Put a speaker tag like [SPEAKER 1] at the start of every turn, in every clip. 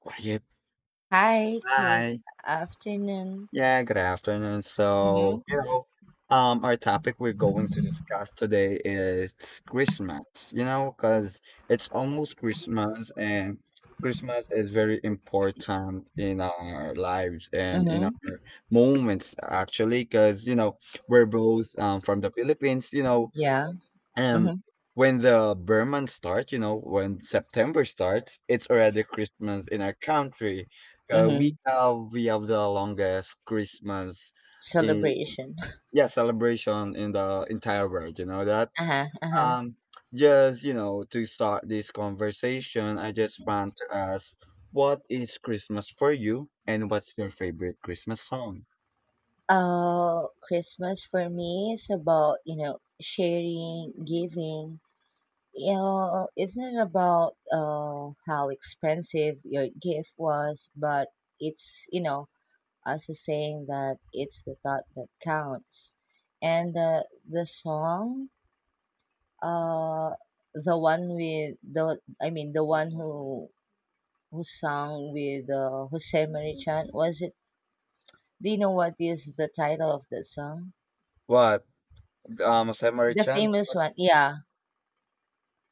[SPEAKER 1] Quiet.
[SPEAKER 2] Hi, good
[SPEAKER 1] Hi.
[SPEAKER 2] afternoon.
[SPEAKER 1] Yeah, good afternoon. So,
[SPEAKER 2] Mm-hmm.
[SPEAKER 1] our topic we're going to discuss today is Christmas, you know, because it's almost Christmas and Christmas is very important in our lives and in
[SPEAKER 2] Mm-hmm.
[SPEAKER 1] our moments, actually, because, we're both from the Philippines,
[SPEAKER 2] Yeah. Mm-hmm.
[SPEAKER 1] um, when the Burman starts, you know, when September starts, it's already Christmas in our country. Uh, we
[SPEAKER 2] Mm-hmm.
[SPEAKER 1] have we have the longest Christmas in
[SPEAKER 2] Celebration.
[SPEAKER 1] yeah celebration in the entire world. You know that.
[SPEAKER 2] Uh-huh. Uh-huh.
[SPEAKER 1] Um, just to start this conversation, I just want to ask, what is Christmas for you, and what's your favorite Christmas song?
[SPEAKER 2] Christmas for me is about, you know, sharing, giving. You know, it's not about how expensive your gift was, but it's, you know, us is saying that it's the thought that counts. And the song Uh, the one with the I mean the one who sang with Jose Marichan, was it? Do you know what is the title of that song?
[SPEAKER 1] What,
[SPEAKER 2] The
[SPEAKER 1] Samari-chan?
[SPEAKER 2] famous
[SPEAKER 1] What
[SPEAKER 2] one, yeah,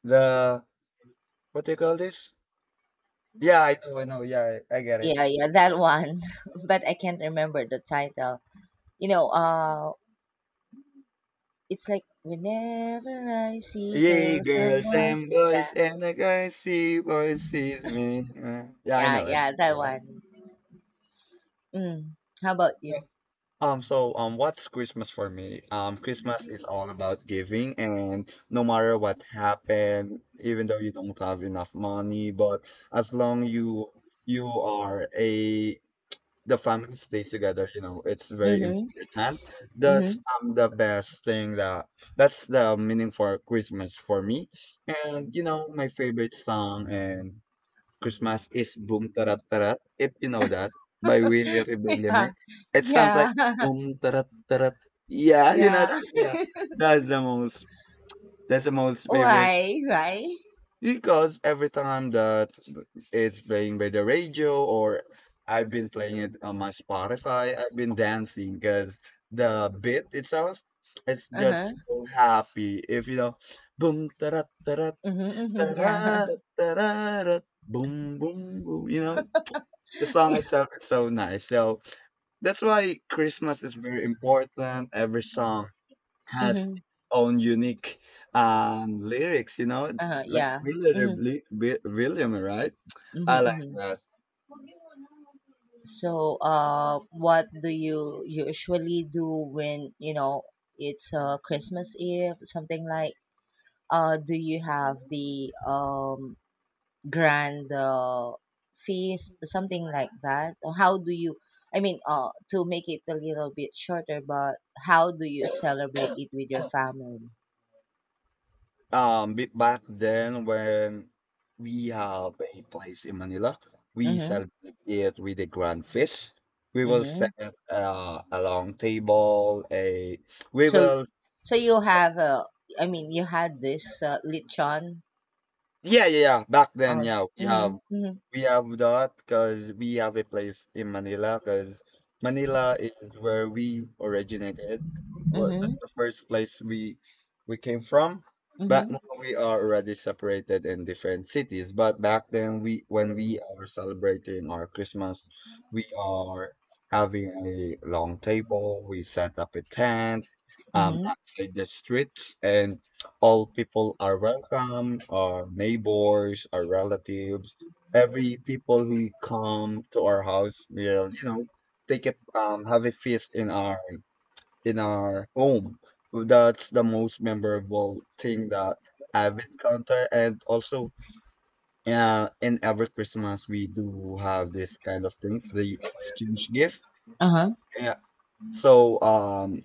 [SPEAKER 1] the what do you call this? Yeah, I know, I know. Yeah, I get it.
[SPEAKER 2] yeah, yeah, that one. But I can't remember the title. You know, it's like whenever I see
[SPEAKER 1] Yay,
[SPEAKER 2] girls and
[SPEAKER 1] girls and
[SPEAKER 2] boys. Yeah,
[SPEAKER 1] boys, and the guys see boys sees me. Yeah, I
[SPEAKER 2] yeah,
[SPEAKER 1] know it.
[SPEAKER 2] yeah, that
[SPEAKER 1] Yeah.
[SPEAKER 2] one. Mm. How about
[SPEAKER 1] Yeah.
[SPEAKER 2] you?
[SPEAKER 1] So, what's Christmas for me? Christmas is all about giving, and no matter what happened, even though you don't have enough money, but as long you are a the family stays together, you know, it's very
[SPEAKER 2] Mm-hmm.
[SPEAKER 1] important. that's
[SPEAKER 2] Mm-hmm.
[SPEAKER 1] um the best thing that, that's the meaning for Christmas for me. And you know my favorite song and Christmas is Boom Tarat Tarat, if you know that, by Willie Rebellime.
[SPEAKER 2] Yeah,
[SPEAKER 1] It sounds like
[SPEAKER 2] yeah.
[SPEAKER 1] boom tarat tarat, yeah, you know
[SPEAKER 2] Yeah.
[SPEAKER 1] that, yeah. that's the most that's the most favorite
[SPEAKER 2] Why? Why?
[SPEAKER 1] because every time that it's playing by the radio, or I've been playing it on my Spotify, I've been dancing because the beat itself, it's
[SPEAKER 2] Uh-huh.
[SPEAKER 1] just so happy. If you know, boom, ta-da, ta-da,
[SPEAKER 2] Mm-hmm, mm-hmm, yeah.
[SPEAKER 1] ta-da, ta-da, boom, boom, boom. You know, the song
[SPEAKER 2] Yeah.
[SPEAKER 1] itself is so nice. So that's why Christmas is very important. Every song has
[SPEAKER 2] Mm-hmm.
[SPEAKER 1] its own unique lyrics, you know,
[SPEAKER 2] Uh-huh,
[SPEAKER 1] like
[SPEAKER 2] yeah. Mm-hmm.
[SPEAKER 1] William, right?
[SPEAKER 2] Mm-hmm,
[SPEAKER 1] I like
[SPEAKER 2] mm-hmm.
[SPEAKER 1] that.
[SPEAKER 2] So, what do you usually do when, you know, it's Christmas Eve, something like, do you have the grand feast, something like that? Or how do you, I mean, to make it a little bit shorter, but how do you celebrate it with your family?
[SPEAKER 1] Back then when we have a place in Manila, we
[SPEAKER 2] Mm-hmm.
[SPEAKER 1] celebrate it with a grand feast. We will
[SPEAKER 2] Mm-hmm.
[SPEAKER 1] set a long table. We
[SPEAKER 2] So,
[SPEAKER 1] will,
[SPEAKER 2] so you have I mean, you had this lechon.
[SPEAKER 1] yeah, yeah, yeah. Back then,
[SPEAKER 2] Uh,
[SPEAKER 1] yeah, we have,
[SPEAKER 2] mhm, mhm,
[SPEAKER 1] we have that because we have a place in Manila because Manila is where we originated. Well, that's
[SPEAKER 2] mhm,
[SPEAKER 1] the first place we came from. But now
[SPEAKER 2] mhm,
[SPEAKER 1] we are already separated in different cities. But back then, we when we are celebrating our Christmas, we are having a long table. We set up a tent
[SPEAKER 2] mhm,
[SPEAKER 1] outside the streets, and all people are welcome. Our neighbors, our relatives, every people who come to our house will, you know, take a, um, have a feast in our, in our home. That's the most memorable thing that I've encountered. And also, in every Christmas, we do have this kind of thing, the exchange gift.
[SPEAKER 2] uh-huh,
[SPEAKER 1] Yeah, so, um,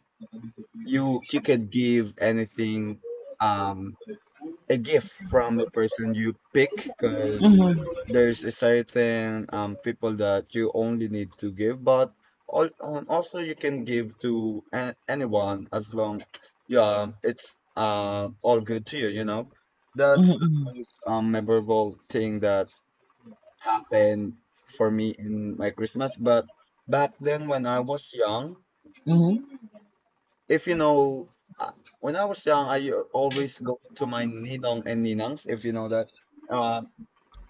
[SPEAKER 1] you can give anything, um, a gift from a person you pick, because
[SPEAKER 2] mhm,
[SPEAKER 1] there's a certain people that you only need to give, but all, also you can give to a- anyone as long, yeah, it's all good to you, you know. That's
[SPEAKER 2] mhm,
[SPEAKER 1] the
[SPEAKER 2] mhm,
[SPEAKER 1] most memorable thing that happened for me in my Christmas. But back then when I was young,
[SPEAKER 2] mhm,
[SPEAKER 1] if you know, uh, when I was young I always go to my ninong and ninangs, if you know that. Uh,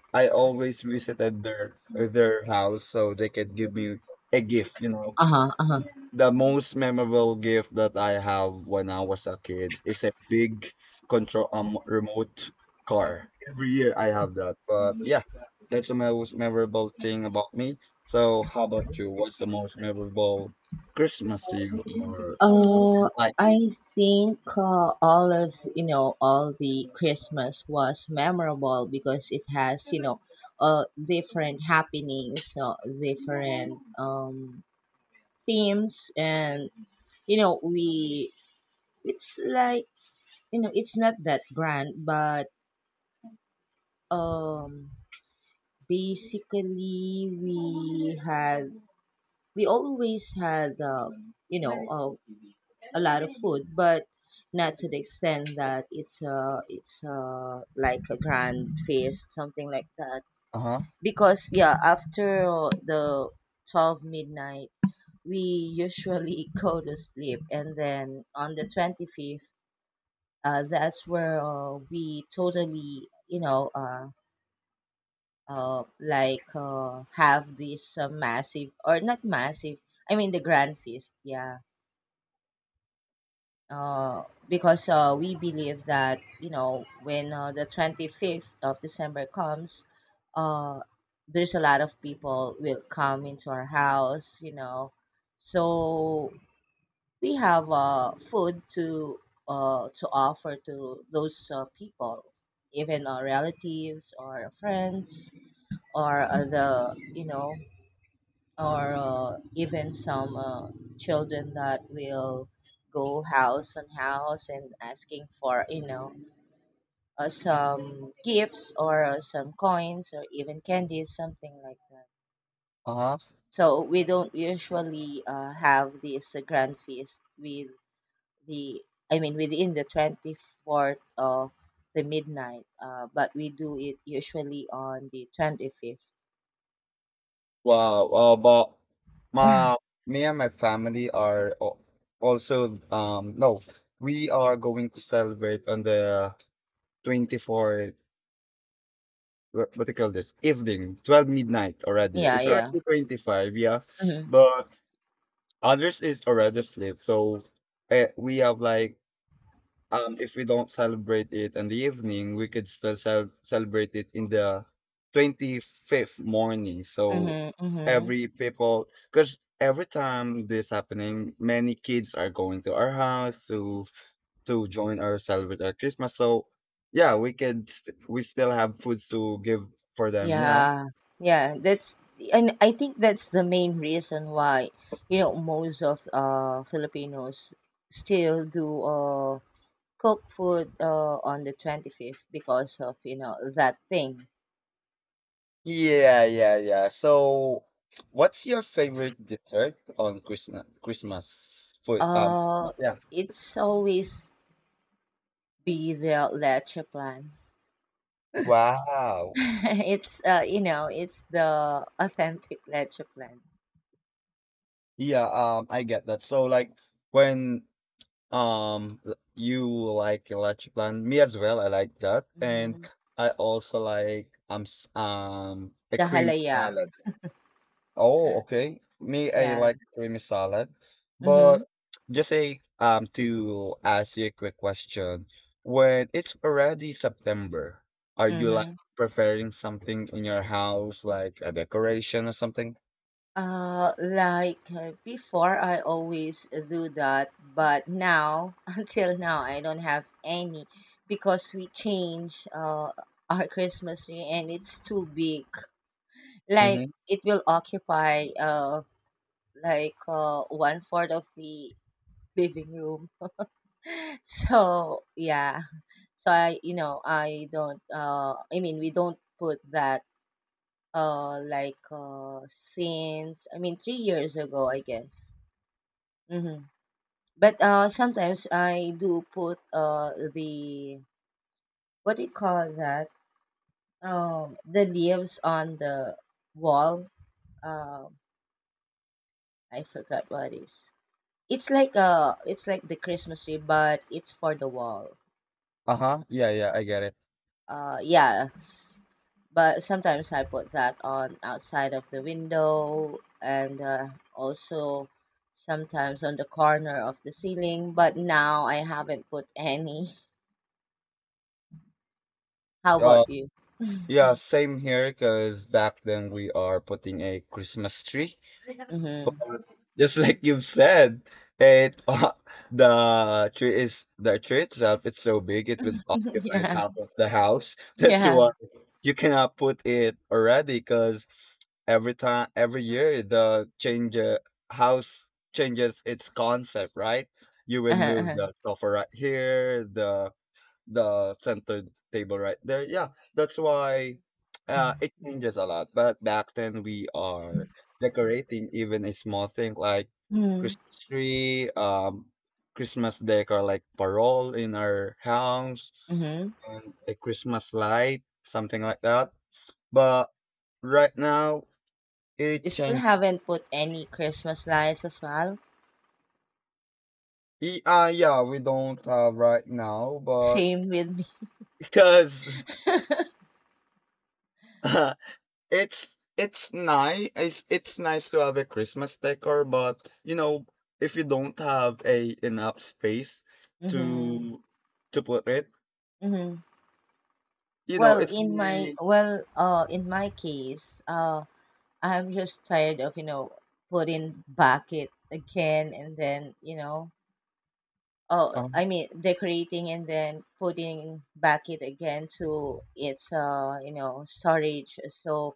[SPEAKER 1] I always visited their house so they could give me a gift, you know.
[SPEAKER 2] uh-huh, uh-huh.
[SPEAKER 1] The most memorable gift that I have when I was a kid is a big control remote car. Every year I have that. But yeah, that's the most memorable thing about me. So how about you? What's the most memorable Christmas to you, or what
[SPEAKER 2] Uh,
[SPEAKER 1] it's like?
[SPEAKER 2] I think all of you know all the Christmas was memorable because it has, you know, different happenings, different themes, and you know we it's like, you know, it's not that grand, but um basically we always had, you know, a lot of food, but not to the extent that it's like a grand feast, something like that.
[SPEAKER 1] Uh-huh.
[SPEAKER 2] Because yeah, after the 12 midnight, we usually go to sleep, and then on the 25th, that's where we totally, you know, have this massive or not massive I mean the grand feast, yeah. uh, because we believe that, you know, when the 25th of December comes, uh, there's a lot of people will come into our house, you know, so we have food to offer to those people, even our relatives or friends, or the you know or even some children that will go house on house and asking for, you know, some gifts or some coins or even candies, something like that.
[SPEAKER 1] Uh-huh.
[SPEAKER 2] So we don't usually have this grand feast with the I mean within the 24th of the midnight, but we do it usually on the 25th.
[SPEAKER 1] Wow. But my me and my family are al- also no, we are going to celebrate on the 24th. What do you call this, evening, 12 midnight already,
[SPEAKER 2] Yeah,
[SPEAKER 1] it's
[SPEAKER 2] yeah.
[SPEAKER 1] already 25, yeah.
[SPEAKER 2] Mm-hmm,
[SPEAKER 1] But others is already asleep, so, we have like, if we don't celebrate it in the evening, we could still celebrate it in the 25th morning. So
[SPEAKER 2] mm-hmm, mm-hmm.
[SPEAKER 1] every people, because every time this happening, many kids are going to our house to join or celebrate our Christmas. So yeah, we could we still have foods to give for them, you know.
[SPEAKER 2] Yeah, yeah, that's, and I think that's the main reason why, you know, most of Filipinos still do cook food on the 25th because of, you know, that thing.
[SPEAKER 1] Yeah, yeah, yeah. So, what's your favorite dessert on Christmas? Christmas food?
[SPEAKER 2] Uh
[SPEAKER 1] Yeah.
[SPEAKER 2] it's always be the leche plan.
[SPEAKER 1] Wow.
[SPEAKER 2] It's you know, it's the authentic leche plan.
[SPEAKER 1] Yeah, I get that. So like when, you like electric plant, me as well, I like that. And
[SPEAKER 2] Mm-hmm.
[SPEAKER 1] I also like um, a
[SPEAKER 2] The
[SPEAKER 1] cream
[SPEAKER 2] halaya.
[SPEAKER 1] salad. Oh, okay. Me, I
[SPEAKER 2] Yeah.
[SPEAKER 1] like creamy salad. But
[SPEAKER 2] Mm-hmm.
[SPEAKER 1] just a, um, to ask you a quick question. When it's already September, are you like
[SPEAKER 2] Mm-hmm.
[SPEAKER 1] preparing something in your house, like a decoration or something?
[SPEAKER 2] Before, I always do that, but now, until now, I don't have any because we change our Christmas tree and it's too big. Like
[SPEAKER 1] Mm-hmm.
[SPEAKER 2] it will occupy one fourth of the living room. So yeah, so I you know I don't I mean we don't put that since 3 years ago, I guess. Mm-hmm. But sometimes I do put, the what do you call that? The leaves on the wall. Um, I forgot what it is. It's like the Christmas tree, but it's for the wall.
[SPEAKER 1] Uh-huh. Yeah, yeah, I get it.
[SPEAKER 2] Yeah. But sometimes I put that on outside of the window, and also sometimes on the corner of the ceiling. But now I haven't put any. How
[SPEAKER 1] Uh,
[SPEAKER 2] about you?
[SPEAKER 1] Yeah, same here because back then we are putting a Christmas tree. But
[SPEAKER 2] Mm-hmm.
[SPEAKER 1] just like you've said, it the tree is the tree itself, it's so big, it would occupy
[SPEAKER 2] Yeah.
[SPEAKER 1] half of the house. That's
[SPEAKER 2] Yeah.
[SPEAKER 1] why you cannot put it already, because every time every year the change, house changes its concept, right? You will
[SPEAKER 2] Uh-huh,
[SPEAKER 1] move
[SPEAKER 2] uh-huh.
[SPEAKER 1] the sofa right here, the center table right there. Yeah, that's why, it changes a lot. But back then we are decorating even a small thing like
[SPEAKER 2] Mm-hmm.
[SPEAKER 1] Christmas tree, Christmas decor like parole in our house,
[SPEAKER 2] Mm-hmm.
[SPEAKER 1] and a Christmas light, something like that. But right now it
[SPEAKER 2] You still
[SPEAKER 1] changed.
[SPEAKER 2] haven't put any Christmas lights as well.
[SPEAKER 1] Yeah, we don't have right now, but
[SPEAKER 2] Same with me.
[SPEAKER 1] because it's nice. It's nice to have a Christmas decor, but you know, if you don't have a enough space
[SPEAKER 2] Mm-hmm.
[SPEAKER 1] to to put it,
[SPEAKER 2] Mm-hmm.
[SPEAKER 1] you know,
[SPEAKER 2] Well,
[SPEAKER 1] it's really,
[SPEAKER 2] in my case, I'm just tired of, you know, putting back it again, and then, you know, oh,
[SPEAKER 1] uh,
[SPEAKER 2] I mean decorating and then putting back it again to its you know storage. So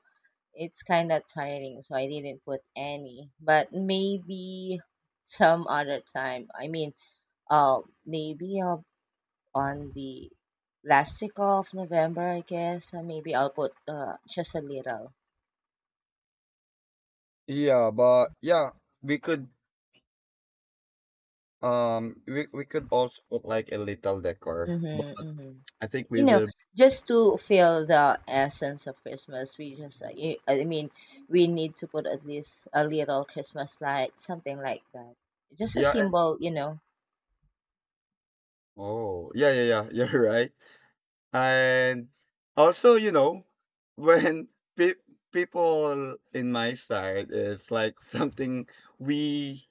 [SPEAKER 2] it's kind of tiring, so I didn't put any. But maybe some other time. I mean, uh, maybe I'll, on the last week of November, I guess. Maybe I'll put, just a little.
[SPEAKER 1] yeah. But yeah, we could, we could also put like a little decor,
[SPEAKER 2] Mm-hmm,
[SPEAKER 1] but
[SPEAKER 2] mm-hmm.
[SPEAKER 1] I think we
[SPEAKER 2] You know,
[SPEAKER 1] will,
[SPEAKER 2] just to feel the essence of Christmas, we just, we need to put at least a little Christmas light, something like that. Just a
[SPEAKER 1] yeah.
[SPEAKER 2] symbol, you know.
[SPEAKER 1] Oh, yeah, yeah, yeah. You're right. And also, you know, when pe- people in my side is like something, we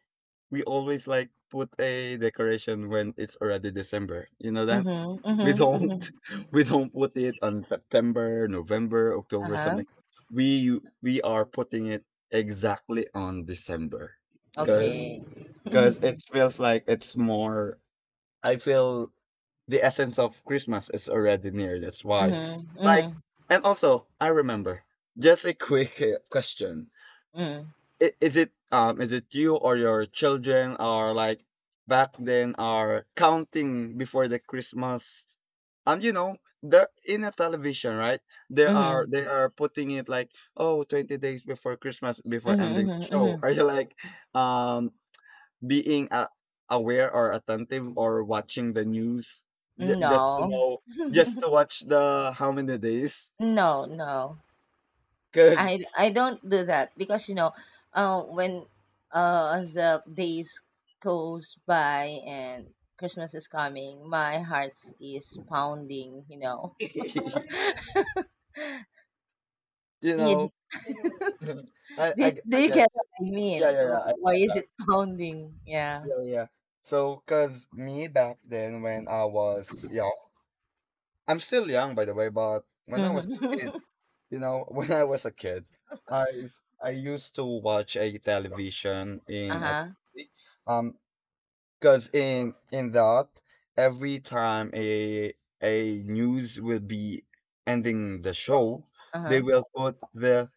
[SPEAKER 1] we always like put a decoration when it's already December. You know that?
[SPEAKER 2] Mm-hmm,
[SPEAKER 1] We
[SPEAKER 2] mm-hmm,
[SPEAKER 1] don't
[SPEAKER 2] mm-hmm.
[SPEAKER 1] we don't put it on September, November, October,
[SPEAKER 2] Uh-huh.
[SPEAKER 1] something. We are putting it exactly on December. Cause
[SPEAKER 2] Okay.
[SPEAKER 1] Cause it feels like it's more, I feel the essence of Christmas is already near. That's why.
[SPEAKER 2] Mhm,
[SPEAKER 1] Like,
[SPEAKER 2] mhm,
[SPEAKER 1] and also, I remember. Just a quick question:
[SPEAKER 2] mm,
[SPEAKER 1] Is it, um, is it you or your children are like back then are counting before the Christmas? You know, the in a television, right? They are
[SPEAKER 2] mhm,
[SPEAKER 1] they are putting it like, oh, 20 days before Christmas, before
[SPEAKER 2] mhm,
[SPEAKER 1] ending the
[SPEAKER 2] mhm,
[SPEAKER 1] show.
[SPEAKER 2] mhm.
[SPEAKER 1] Are you like um being a aware or attentive or watching the news, just to
[SPEAKER 2] No,
[SPEAKER 1] know, just to watch the how many days,
[SPEAKER 2] no, no.
[SPEAKER 1] because
[SPEAKER 2] I don't do that because you know, when as the days goes by and Christmas is coming, my heart is pounding. You know,
[SPEAKER 1] you
[SPEAKER 2] You-
[SPEAKER 1] know
[SPEAKER 2] do, do
[SPEAKER 1] I
[SPEAKER 2] you
[SPEAKER 1] get,
[SPEAKER 2] get what I
[SPEAKER 1] yeah,
[SPEAKER 2] mean?
[SPEAKER 1] yeah, yeah, I
[SPEAKER 2] Why
[SPEAKER 1] get
[SPEAKER 2] is
[SPEAKER 1] that.
[SPEAKER 2] it pounding? Yeah.
[SPEAKER 1] Yeah, yeah, so because me back then when I was young, I'm still young by the way, but when I was a kid,
[SPEAKER 2] Mm-hmm.
[SPEAKER 1] you know when I was a kid, I used to watch a television
[SPEAKER 2] Uh
[SPEAKER 1] in a,
[SPEAKER 2] huh.
[SPEAKER 1] um, because in that, every time a news will be ending the show,
[SPEAKER 2] Uh
[SPEAKER 1] they
[SPEAKER 2] huh.
[SPEAKER 1] will put the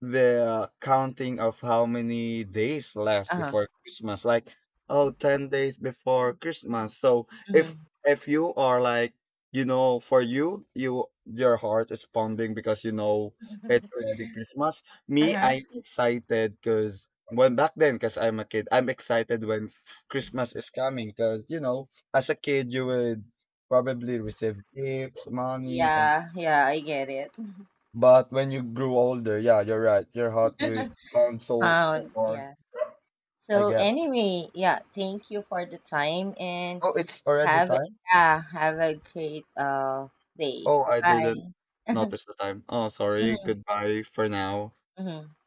[SPEAKER 1] the counting of how many days left
[SPEAKER 2] Uh
[SPEAKER 1] before
[SPEAKER 2] huh.
[SPEAKER 1] Christmas. Like, oh, 10 days before Christmas. So if
[SPEAKER 2] Mm-hmm.
[SPEAKER 1] if you are like, you know, for you, you your heart is pounding because you know it's already Christmas.
[SPEAKER 2] Uh
[SPEAKER 1] Me,
[SPEAKER 2] huh.
[SPEAKER 1] I'm excited because when back then, because I'm a kid, I'm excited when Christmas is coming. Because you know, as a kid, you would probably receive gifts, money,
[SPEAKER 2] Yeah. Yeah. I get it.
[SPEAKER 1] but when you grew older, yeah, you're right. Your heart will pound so so
[SPEAKER 2] Pound.
[SPEAKER 1] hard.
[SPEAKER 2] Yeah.
[SPEAKER 1] I
[SPEAKER 2] So
[SPEAKER 1] get. It.
[SPEAKER 2] anyway, yeah, thank you for the time, and
[SPEAKER 1] Oh, it's already
[SPEAKER 2] have
[SPEAKER 1] time.
[SPEAKER 2] yeah, have a great day.
[SPEAKER 1] Oh, I
[SPEAKER 2] Bye.
[SPEAKER 1] didn't notice the time. Oh, sorry.
[SPEAKER 2] Mhm,
[SPEAKER 1] Goodbye for now.
[SPEAKER 2] mhm.